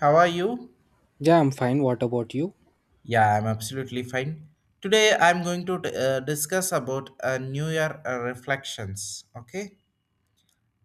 How are you? Yeah, I'm fine. What about you? Yeah, I'm absolutely fine. Today I'm going to discuss about New Year reflections. Okay,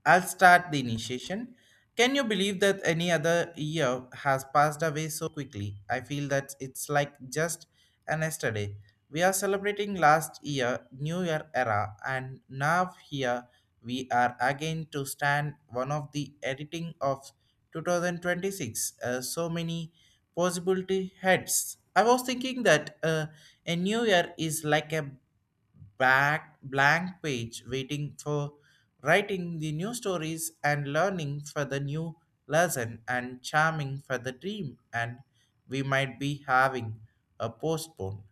I'll start the initiation. Can you believe that any other year has passed away so quickly? I feel that it's like just an yesterday. We are celebrating last year, New Year era, and now here we are again to stand one of the editing of 2026. So many possibility heads. I was thinking that a new year is like a back blank page waiting for writing the new stories and learning for the new lesson and charming for the dream and we might be having a postpone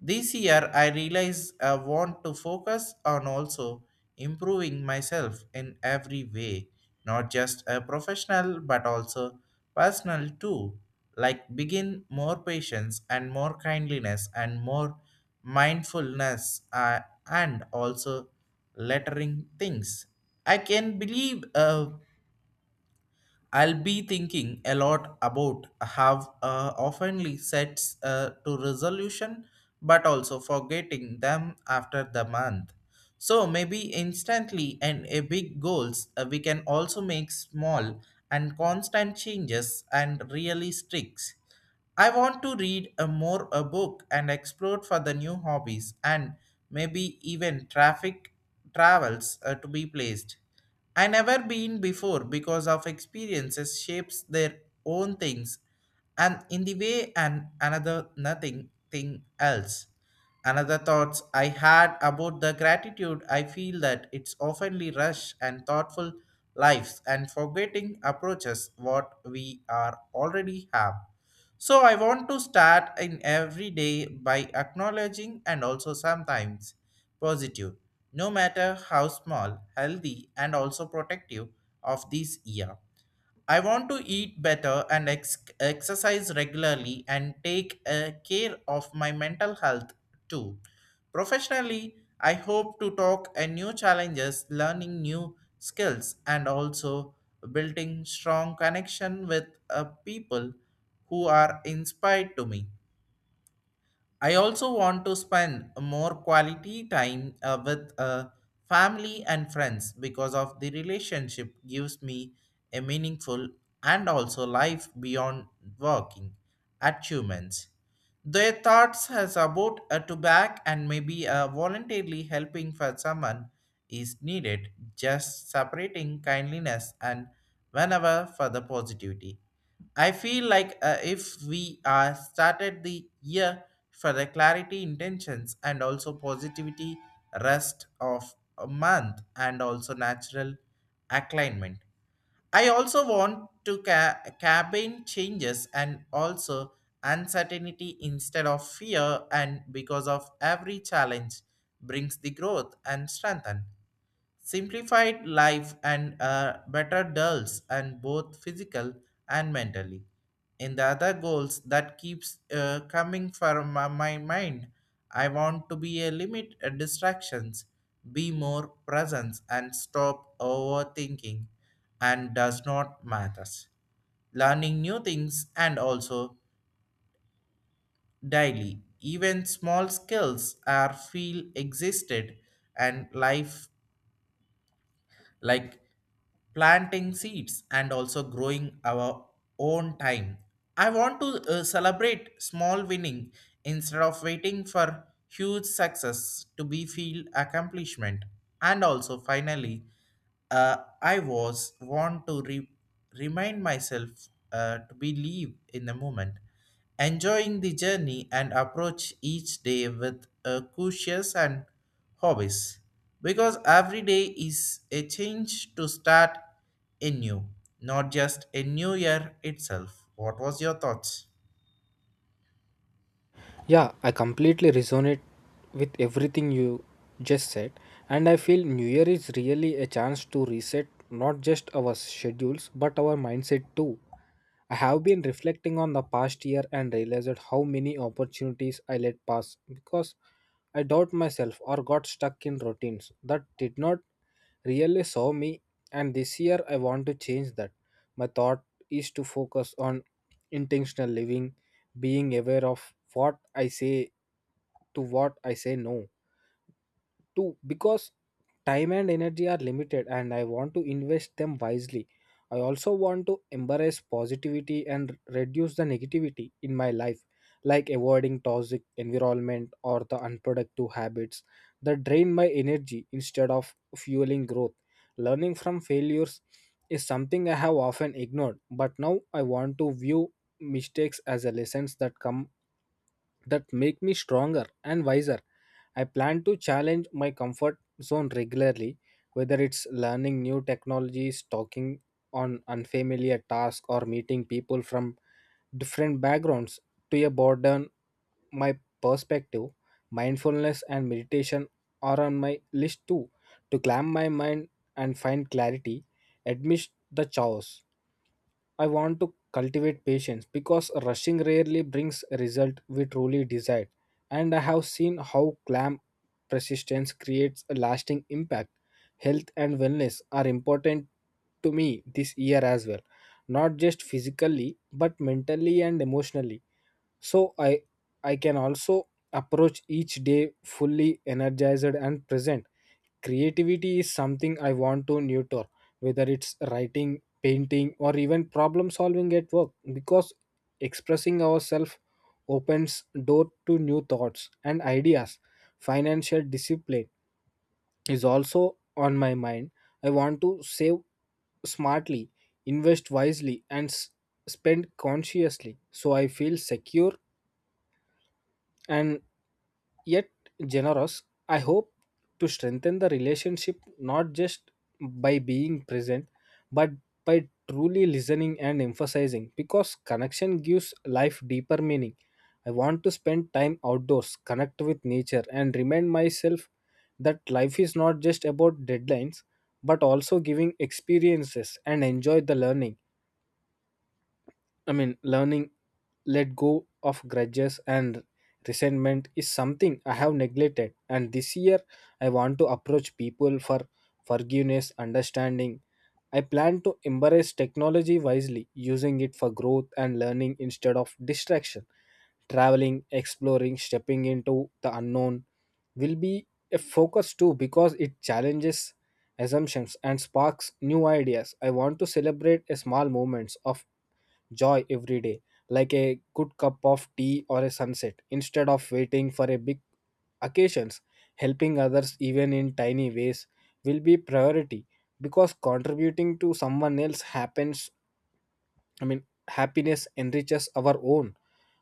this year. I realize I want to focus on also improving myself in every way, not just a professional but also personal too. Like begin more patience and more kindliness and more mindfulness and also lettering things. I can believe I'll be thinking a lot about have oftenly sets to resolution, but also forgetting them after the month. So maybe instantly and a big goals, we can also make small and constant changes and really sticks. I want to read a more a book and explore for the new hobbies and maybe even traffic travels to be placed. I never been before because of experiences shapes their own things and in the way and another nothing thing else. Another thoughts I had about the gratitude I feel that it's oftenly rush and thoughtful lives and forgetting approaches what we are already have. So I want to start in every day by acknowledging and also sometimes positive, no matter how small, healthy, and also protective of this year. I want to eat better and exercise regularly and take care of my mental health too. Professionally, I hope to talk and new challenges, learning new skills, and also building strong connection with people who are inspired to me. I also want to spend more quality time with family and friends because of the relationship gives me a meaningful and also life beyond working achievements. Their thoughts has about to back and maybe voluntarily helping for someone is needed, just separating kindliness and whenever for the positivity. I feel like if we started the year for the clarity, intentions, and also positivity, rest of a month, and also natural alignment. I also want to cabin changes and also uncertainty instead of fear, and because of every challenge brings the growth and strengthen simplified life and better dulls and both physical and mentally in the other goals that keeps coming from my mind. I want to be a limit distractions, be more presence and stop overthinking and does not matters learning new things and also daily even small skills are feel existed and life like planting seeds and also growing our own time. I want to celebrate small winning instead of waiting for huge success to be feel accomplishment. And also finally, I was want to remind myself to believe in the moment, enjoying the journey and approach each day with a cautious and hobbies because every day is a change to start anew, not just a new year itself. What was your thoughts? Yeah, I completely resonate with everything you just said. And I feel New Year is really a chance to reset not just our schedules but our mindset too. I have been reflecting on the past year and realized how many opportunities I let pass because I doubt myself or got stuck in routines that did not really serve me, and this year I want to change that. My thought is to focus on intentional living, being aware of what I say, to what I say no to, because time and energy are limited and I want to invest them wisely. I also want to embrace positivity and reduce the negativity in my life, like avoiding toxic environment or the unproductive habits that drain my energy instead of fueling growth. Learning from failures is something I have often ignored, but now I want to view mistakes as a lessons that come that make me stronger and wiser. I plan to challenge my comfort zone regularly, whether it's learning new technologies, talking on unfamiliar tasks, or meeting people from different backgrounds to a broaden my perspective. Mindfulness and meditation are on my list too, to calm my mind and find clarity amidst the chaos. I want to cultivate patience because rushing rarely brings a result we truly desire. And I have seen how calm persistence creates a lasting impact. Health and wellness are important to me this year as well, not just physically but mentally and emotionally, so I can also approach each day fully energized and present. Creativity is something I want to nurture, whether it's writing, painting, or even problem solving at work, because expressing ourselves opens door to new thoughts and ideas. Financial discipline is also on my mind. I want to save smartly, invest wisely, and spend consciously, so I feel secure and yet generous. I hope to strengthen the relationship not just by being present, but by truly listening and emphasizing, because connection gives life deeper meaning. I want to spend time outdoors, connect with nature, and remind myself that life is not just about deadlines but also giving experiences and enjoy the learning. I mean, learning let go of grudges and resentment is something I have neglected. And this year, I want to approach people for forgiveness, understanding. I plan to embrace technology wisely, using it for growth and learning instead of distraction. Traveling, exploring, stepping into the unknown will be a focus too, because it challenges assumptions and sparks new ideas. I want to celebrate a small moments of joy every day, like a good cup of tea or a sunset, instead of waiting for a big occasions. Helping others, even in tiny ways, will be priority because contributing to someone else happens. I mean, happiness enriches our own.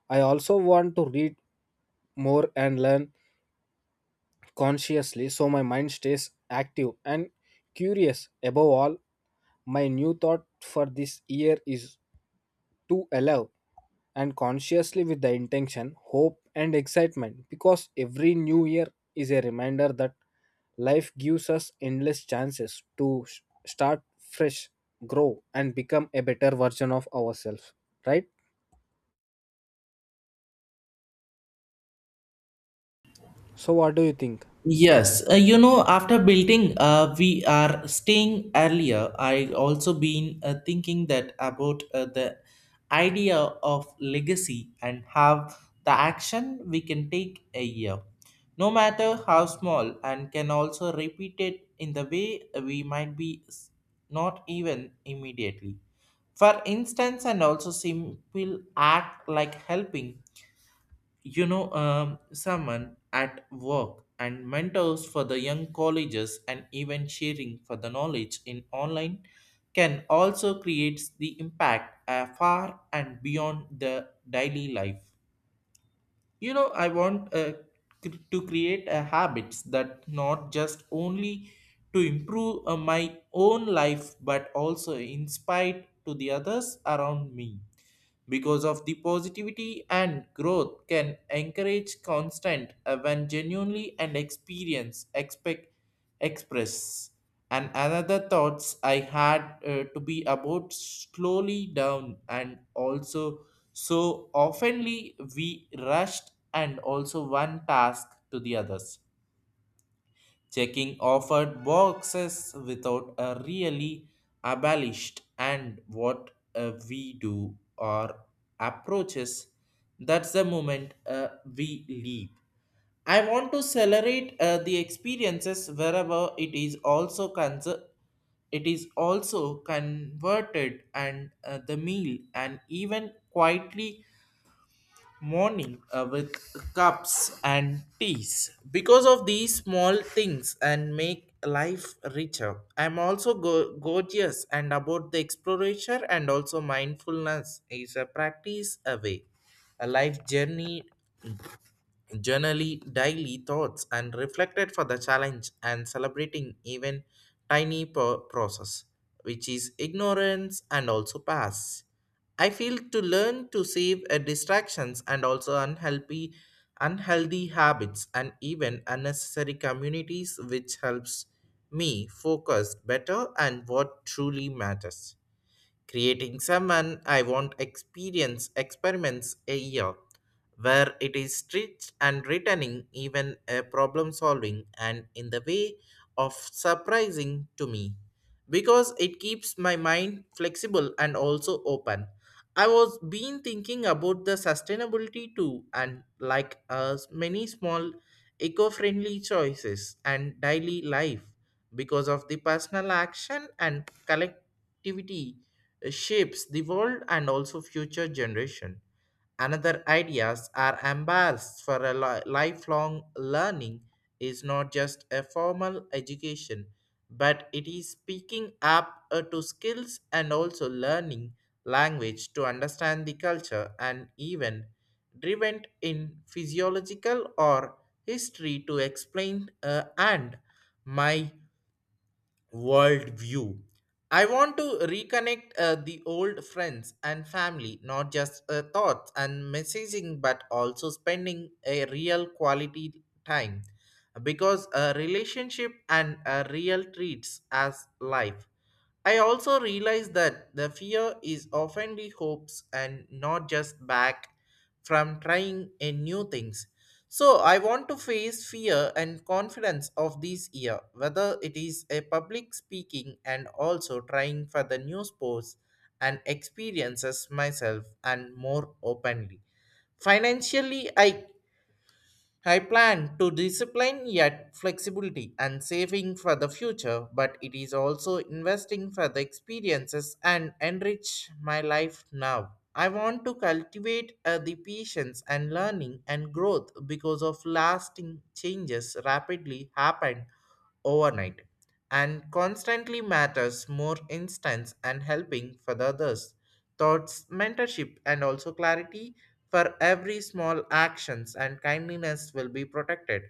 I also want to read more and learn consciously so my mind stays active and curious. Above all, my new thought for this year is to allow and consciously with the intention, hope, and excitement, because every new year is a reminder that life gives us endless chances to start fresh, grow, and become a better version of ourselves. Right? So, what do you think? Yes, you know, after building, we are staying earlier. I also been thinking that about the idea of legacy and how the action we can take a year, no matter how small, and can also repeat it in the way we might be not even immediately. For instance, and also simple act like helping you know someone at work and mentors for the young colleges and even sharing for the knowledge in online can also create the impact far and beyond the daily life. You know, I want to create a habits that not just only to improve my own life but also inspired to the others around me because of the positivity and growth can encourage constant when genuinely and experience expect express. And another thoughts I had to be about slowly down and also so oftenly we rushed and also one task to the others checking offered boxes without a really abolished and what we do or approaches that's the moment we leap. I want to celebrate the experiences wherever it is also it is also converted and the meal and even quietly morning with cups and teas because of these small things and make life richer. I'm also gorgeous and about the exploration and also mindfulness is a practice away a life journey journaling daily thoughts and reflected for the challenge and celebrating even tiny process which is ignorance and also pass. I feel to learn to save distractions and also unhealthy habits and even unnecessary communities which helps me focus better and what truly matters creating someone I want experience experiments a year where it is stretched and returning even a problem solving and in the way of surprising to me because it keeps my mind flexible and also open. I was been thinking about the sustainability too, and like us, many small eco-friendly choices and daily life because of the personal action and collectivity shapes the world and also future generation. Another ideas are embarrassed for a lifelong learning is not just a formal education, but it is speaking up to skills and also learning language to understand the culture and even driven in physiological or history to explain and my world view. I want to reconnect the old friends and family, not just thoughts and messaging, but also spending a real quality time because a relationship and a real treats as life. I also realize that the fear is often the hopes and not just back from trying a new things so I want to face fear and confidence of this year, whether it is a public speaking and also trying for the new sports and experiences myself and more openly. Financially, I plan to discipline yet flexibility and saving for the future, but it is also investing for the experiences and enrich my life now. I want to cultivate the patience and learning and growth because of lasting changes rapidly happen overnight and constantly matters more instance and helping for the others thoughts, mentorship, and also clarity for every small actions and kindliness will be protected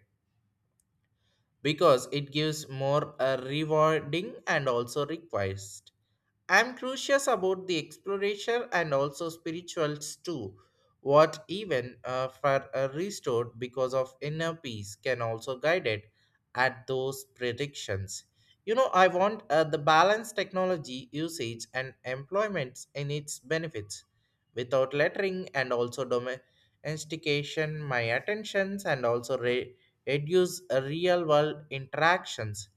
because it gives more rewarding and also request. I'm curious about the exploration and also spirituals too. What even for a restored because of inner peace can also guide it at those predictions. You know, I want the balanced technology usage and employments in its benefits without lettering and also domestication my attentions and also reduce real world interactions.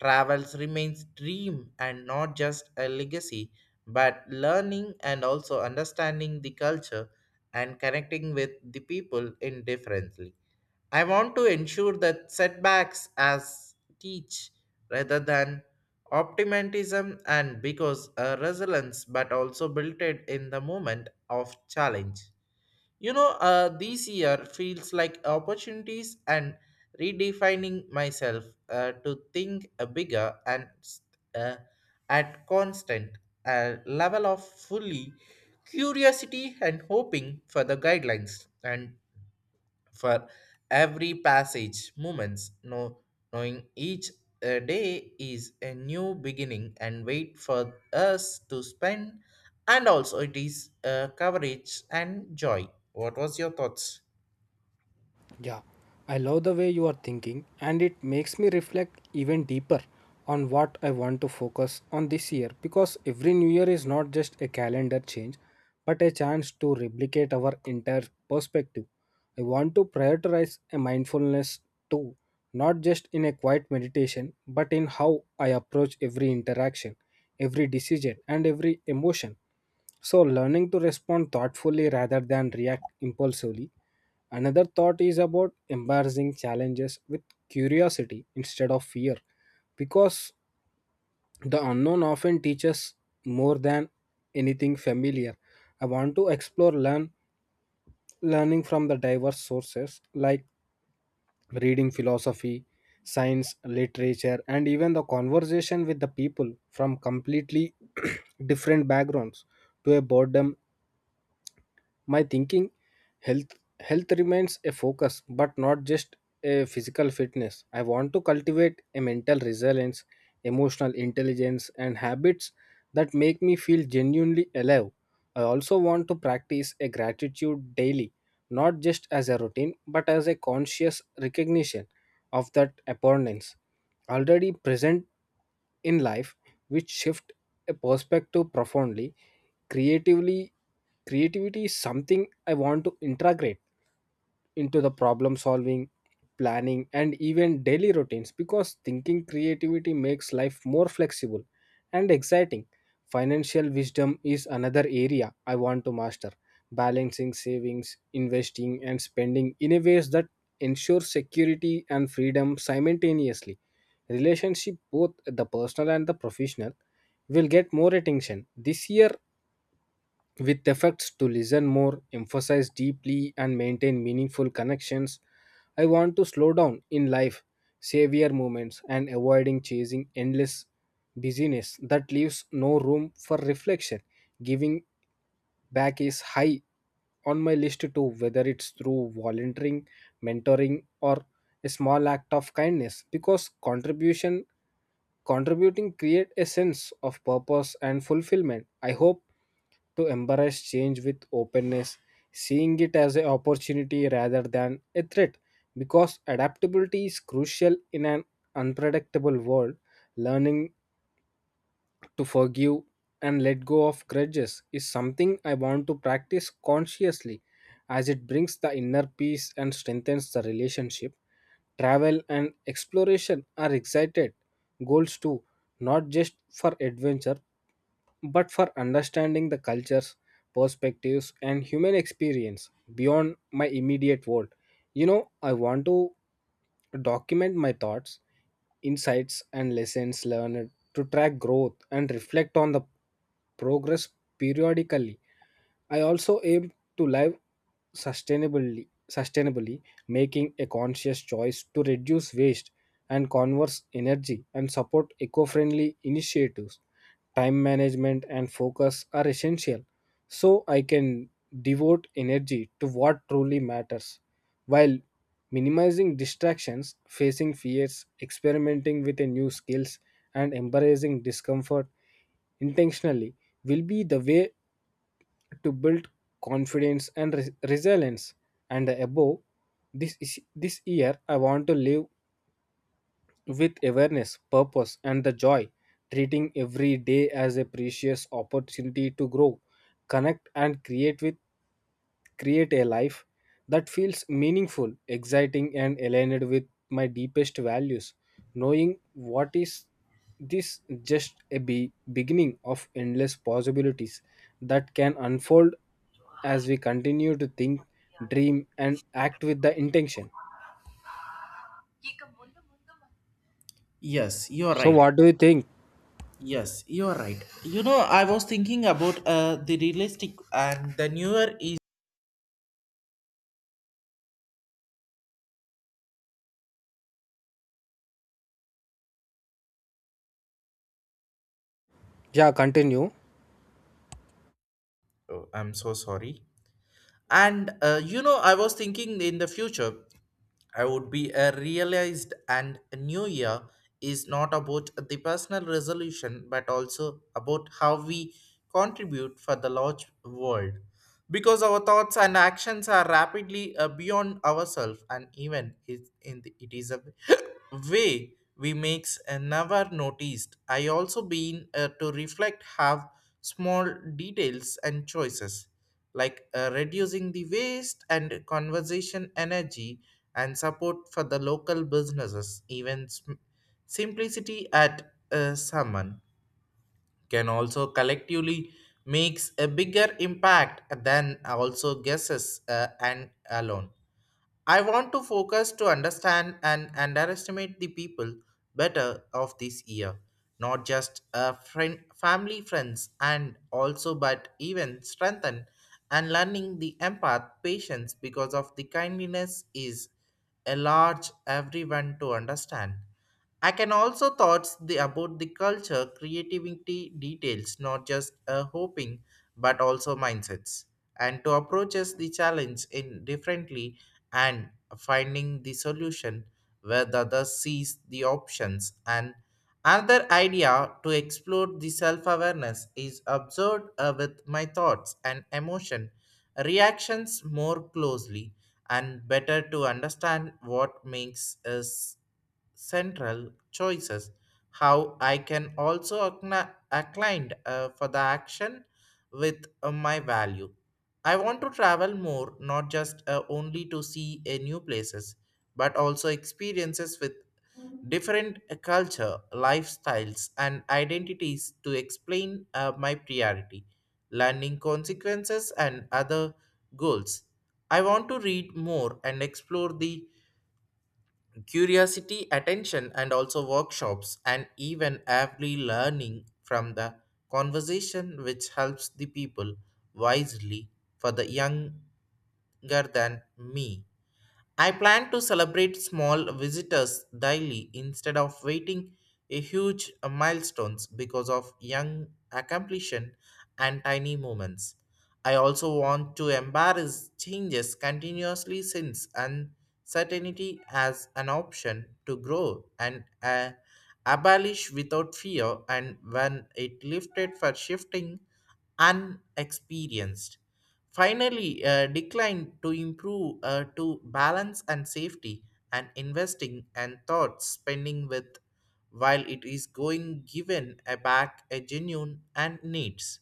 Travels remains dream and not just a legacy, but learning and also understanding the culture and connecting with the people indifferently. I want to ensure that setbacks as teach rather than optimism and because a resilience but also built it in the moment of challenge. You know, this year feels like opportunities and redefining myself to think bigger and uh, at constant level of fully curiosity and hoping for the guidelines and for every passage moments no knowing each day is a new beginning and wait for us to spend and also it is coverage and joy. What was your thoughts? Yeah, I love the way you are thinking, and it makes me reflect even deeper on what I want to focus on this year, because every new year is not just a calendar change but a chance to replicate our entire perspective. I want to prioritize a mindfulness too, not just in a quiet meditation but in how I approach every interaction, every decision, and every emotion. So, learning to respond thoughtfully rather than react impulsively. Another thought is about embarrassing challenges with curiosity instead of fear, because the unknown often teaches more than anything familiar. I want to explore learning from the diverse sources, like reading philosophy, science, literature, and even the conversation with the people from completely different backgrounds to a boredom my thinking. Health health remains a focus but not just a physical fitness. I want to cultivate a mental resilience, emotional intelligence, and habits that make me feel genuinely alive. I also want to practice a gratitude daily, not just as a routine but as a conscious recognition of that abundance already present in life, which shift a perspective profoundly. Creatively Creativity is something I want to integrate into the problem solving, planning, and even daily routines, because thinking creativity makes life more flexible and exciting. Financial wisdom is another area I want to master, balancing savings, investing, and spending in a ways that ensure security and freedom simultaneously. Relationship, both the personal and the professional, will get more attention this year, with efforts to listen more, emphasize deeply, and maintain meaningful connections. I want to slow down in life, savor moments, and avoiding chasing endless busyness that leaves no room for reflection. Giving back is high on my list too, whether it's through volunteering, mentoring, or a small act of kindness, because contribution contributing create a sense of purpose and fulfillment. I hope to embrace change with openness, seeing it as an opportunity rather than a threat, because adaptability is crucial in an unpredictable world. Learning to forgive and let go of grudges is something I want to practice consciously, as it brings the inner peace and strengthens the relationship. Travel and exploration are excited goals too, not just for adventure but for understanding the cultures, perspectives, and human experience beyond my immediate world. You know, I want to document my thoughts, insights, and lessons learned to track growth and reflect on the progress periodically. I also aim to live sustainably, making a conscious choice to reduce waste and conserve energy and support eco-friendly initiatives. Time management and focus are essential, so I can devote energy to what truly matters, while minimizing distractions, facing fears, experimenting with a new skills, and embracing discomfort intentionally will be the way to build confidence and resilience. And above this is, this year I want to live with awareness, purpose, and the joy, treating every day as a precious opportunity to grow, connect, and create with create a life that feels meaningful, exciting, and aligned with my deepest values. Knowing what is this just a beginning of endless possibilities that can unfold as we continue to think, dream, and act with the intention. Yes, you're So, right. what do you think? Yes, you're right. You know, I was thinking about the realistic and the newer is Yeah, continue. oh, I'm so sorry. And you know, I was thinking in the future I would be realized, and a new year is not about the personal resolution but also about how we contribute for the large world because our thoughts and actions are rapidly beyond ourselves and even it in the, it is a way we makes and never noticed. I also been to reflect have small details and choices like reducing the waste and conversation energy and support for the local businesses even simplicity at someone can also collectively makes a bigger impact than also guesses and alone. I want to focus to understand and underestimate the people better of this year, not just friend, family, friends, and also but even strengthen and learning the empath patience because of the kindliness is a large everyone to understand. I can also thoughts the about the culture, creativity, details, not just a hoping, but also mindsets, and to approaches the challenge in differently and finding the solution where the other sees the options and another idea to explore the self awareness is observed with my thoughts and emotion reactions more closely and better to understand what makes us central choices. How I can also acclined for the action with my value. I want to travel more, not just only to see new places, but also experiences with different culture, lifestyles, and identities to explain my priority, learning consequences, and other goals. I want to read more and explore the curiosity, attention, and also workshops, and even every learning from the conversation, which helps the people wisely for the younger than me. I plan to celebrate small visitors daily instead of waiting a huge milestones because of young accomplishment and tiny moments. I also want to embrace changes continuously since uncertainty as an option to grow and abolish without fear and when it lifted for shifting unexperienced. Finally, decline to improve to balance and safety and investing and thoughts spending with while it is going given a back a genuine and needs.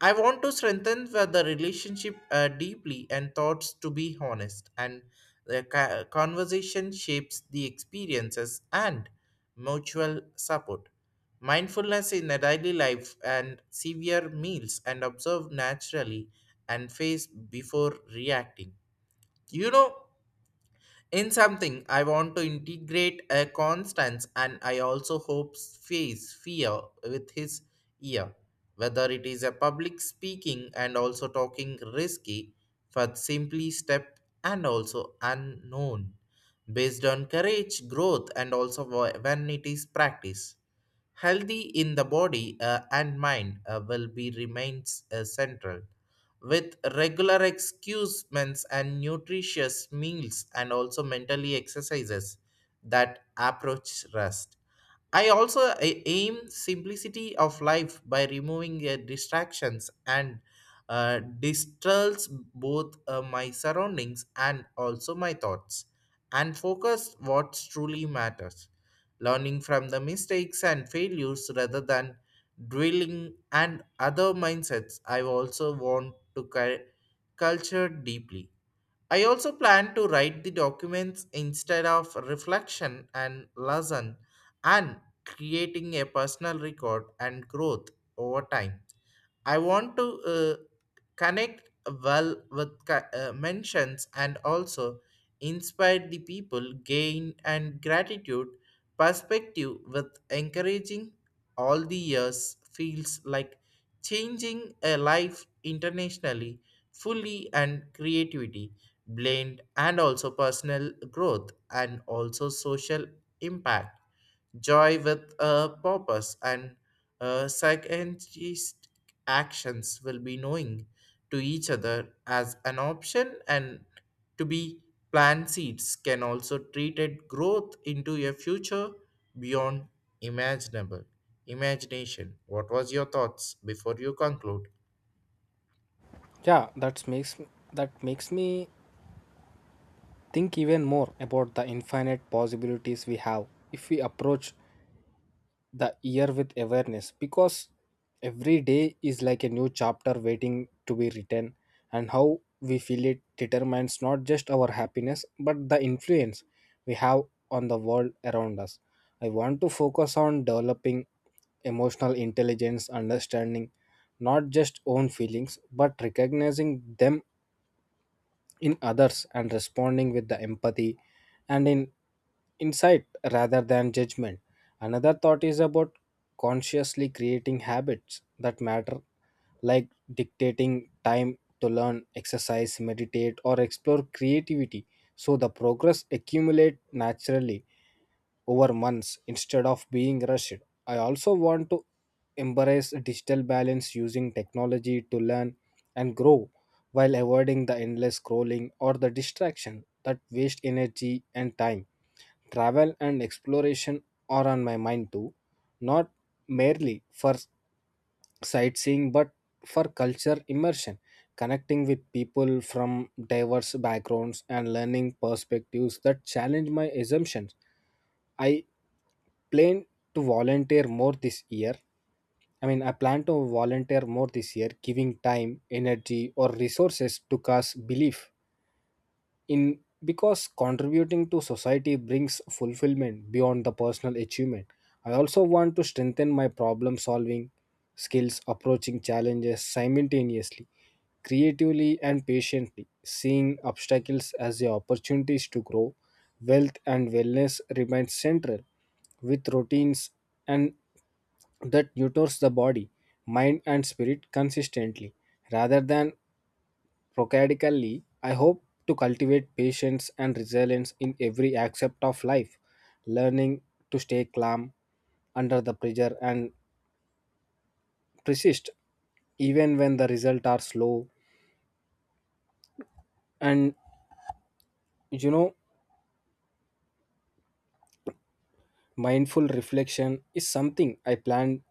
I want to strengthen the relationship deeply and thoughts to be honest, and the conversation shapes the experiences and mutual support. Mindfulness in a daily life and severe meals and observe naturally and face before reacting. You know, in something, I want to integrate a Constance and I also hope face fear with his ear, whether it is a public speaking and also talking risky, but simply step and also unknown, based on courage, growth, and also when it is practice. Healthy in the body and mind will be remains central with regular excursions and nutritious meals and also mentally exercises that approach rest. I also aim simplicity of life by removing distractions and distracts both my surroundings and also my thoughts and focus what truly matters learning from the mistakes and failures rather than dwelling and other mindsets. I also want to culture deeply. I also plan to write the documents instead of reflection and lesson and creating a personal record and growth over time. I want to connect well with mentions and also inspire the people gain and gratitude perspective with encouraging all the years feels like changing a life internationally fully and creativity blend and also personal growth and also social impact joy with a purpose and psychiatrist actions will be knowing to each other as an option and to be plant seeds can also treated growth into a future beyond imaginable imagination. What was your thoughts before you conclude? Yeah, that makes me think even more about the infinite possibilities we have if we approach the year with awareness, because every day is like a new chapter waiting to be written, and how we feel it determines not just our happiness but the influence we have on the world around us. I want to focus on developing emotional intelligence, understanding not just own feelings but recognizing them in others and responding with the empathy and in insight rather than judgment. Another thought is about consciously creating habits that matter, like dictating time to learn, exercise, meditate, or explore creativity so the progress accumulate naturally over months instead of being rushed. I also want to embrace digital balance, using technology to learn and grow while avoiding the endless scrolling or the distraction that waste energy and time. Travel and exploration are on my mind too, not merely for sightseeing but for culture immersion, connecting with people from diverse backgrounds and learning perspectives that challenge my assumptions. I plan to volunteer more this year. I mean, I plan to volunteer more this year, giving time, energy, or resources to cause belief in, because contributing to society brings fulfillment beyond the personal achievement. I also want to strengthen my problem solving skills, approaching challenges simultaneously, creatively, and patiently, seeing obstacles as the opportunities to grow. Wealth and wellness remain central with routines and that tutors the body, mind, and spirit consistently rather than procaudically. I hope to cultivate patience and resilience in every aspect of life, learning to stay calm under the pressure and persist even when the results are slow. And you know, mindful reflection is something I plan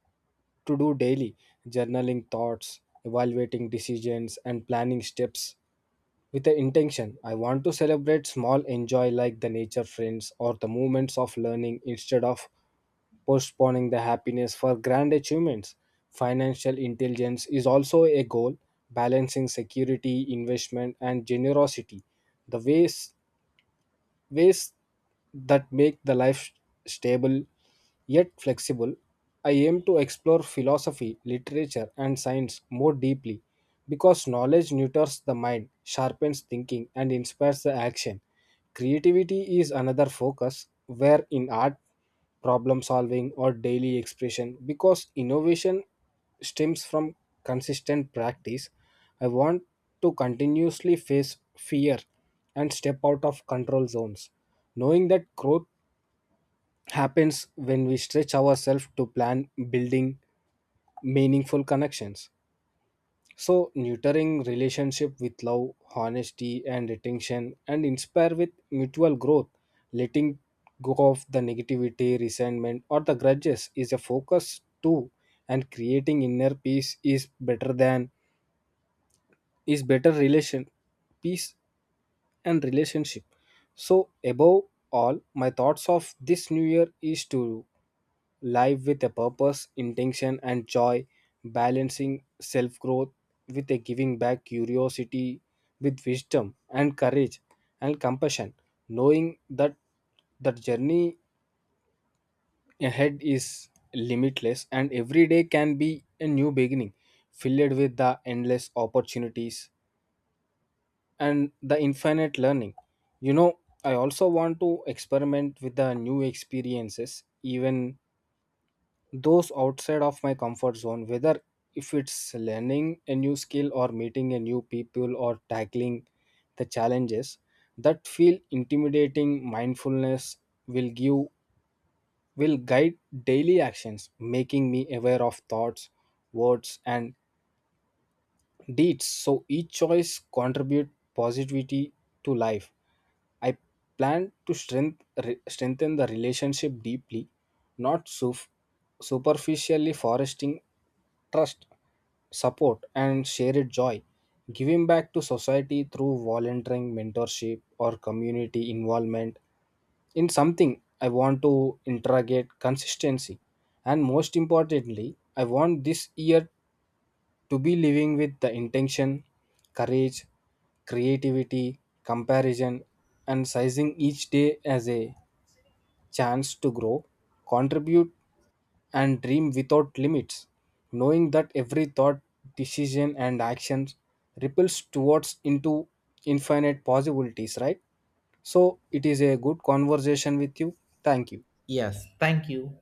to do daily, journaling thoughts, evaluating decisions, and planning steps with the intention. I want to celebrate small enjoy like the nature friends or the moments of learning instead of postponing the happiness for grand achievements. Financial intelligence is also a goal, balancing security, investment, and generosity. The ways that make the life stable yet flexible. I aim to explore philosophy, literature, and science more deeply, because knowledge neuters the mind, sharpens thinking, and inspires the action. Creativity is another focus, where in art, problem solving, or daily expression, because innovation stems from consistent practice. I want to continuously face fear and step out of control zones, knowing that growth happens when we stretch ourselves to plan building meaningful connections. So, nurturing relationship with love, honesty, and attention, and inspire with mutual growth, letting go of the negativity, resentment, or the grudges is a focus too, and creating inner peace is better than is better relation peace and relationship. So, above all, my thoughts of this new year is to live with a purpose, intention, and joy, balancing self growth with a giving back, curiosity with wisdom, and courage and compassion, knowing that the journey ahead is limitless and every day can be a new beginning, filled with the endless opportunities and the infinite learning. You know, I also want to experiment with the new experiences, even those outside of my comfort zone, whether if it's learning a new skill or meeting a new people or tackling the challenges that feel intimidating. Mindfulness will give will guide daily actions, making me aware of thoughts, words, and deeds, so each choice contribute positivity to life. I plan to strengthen the relationship deeply, not superficially, fostering trust, support, and shared joy. Giving back to society through volunteering, mentorship, or community involvement in something I want to interrogate consistency. And most importantly, I want this year to be living with the intention, courage, creativity, comparison, and sizing each day as a chance to grow, contribute, and dream without limits, knowing that every thought, decision, and action ripples towards into infinite possibilities, right? So, it is a good conversation with you. Thank you. Yes, thank you.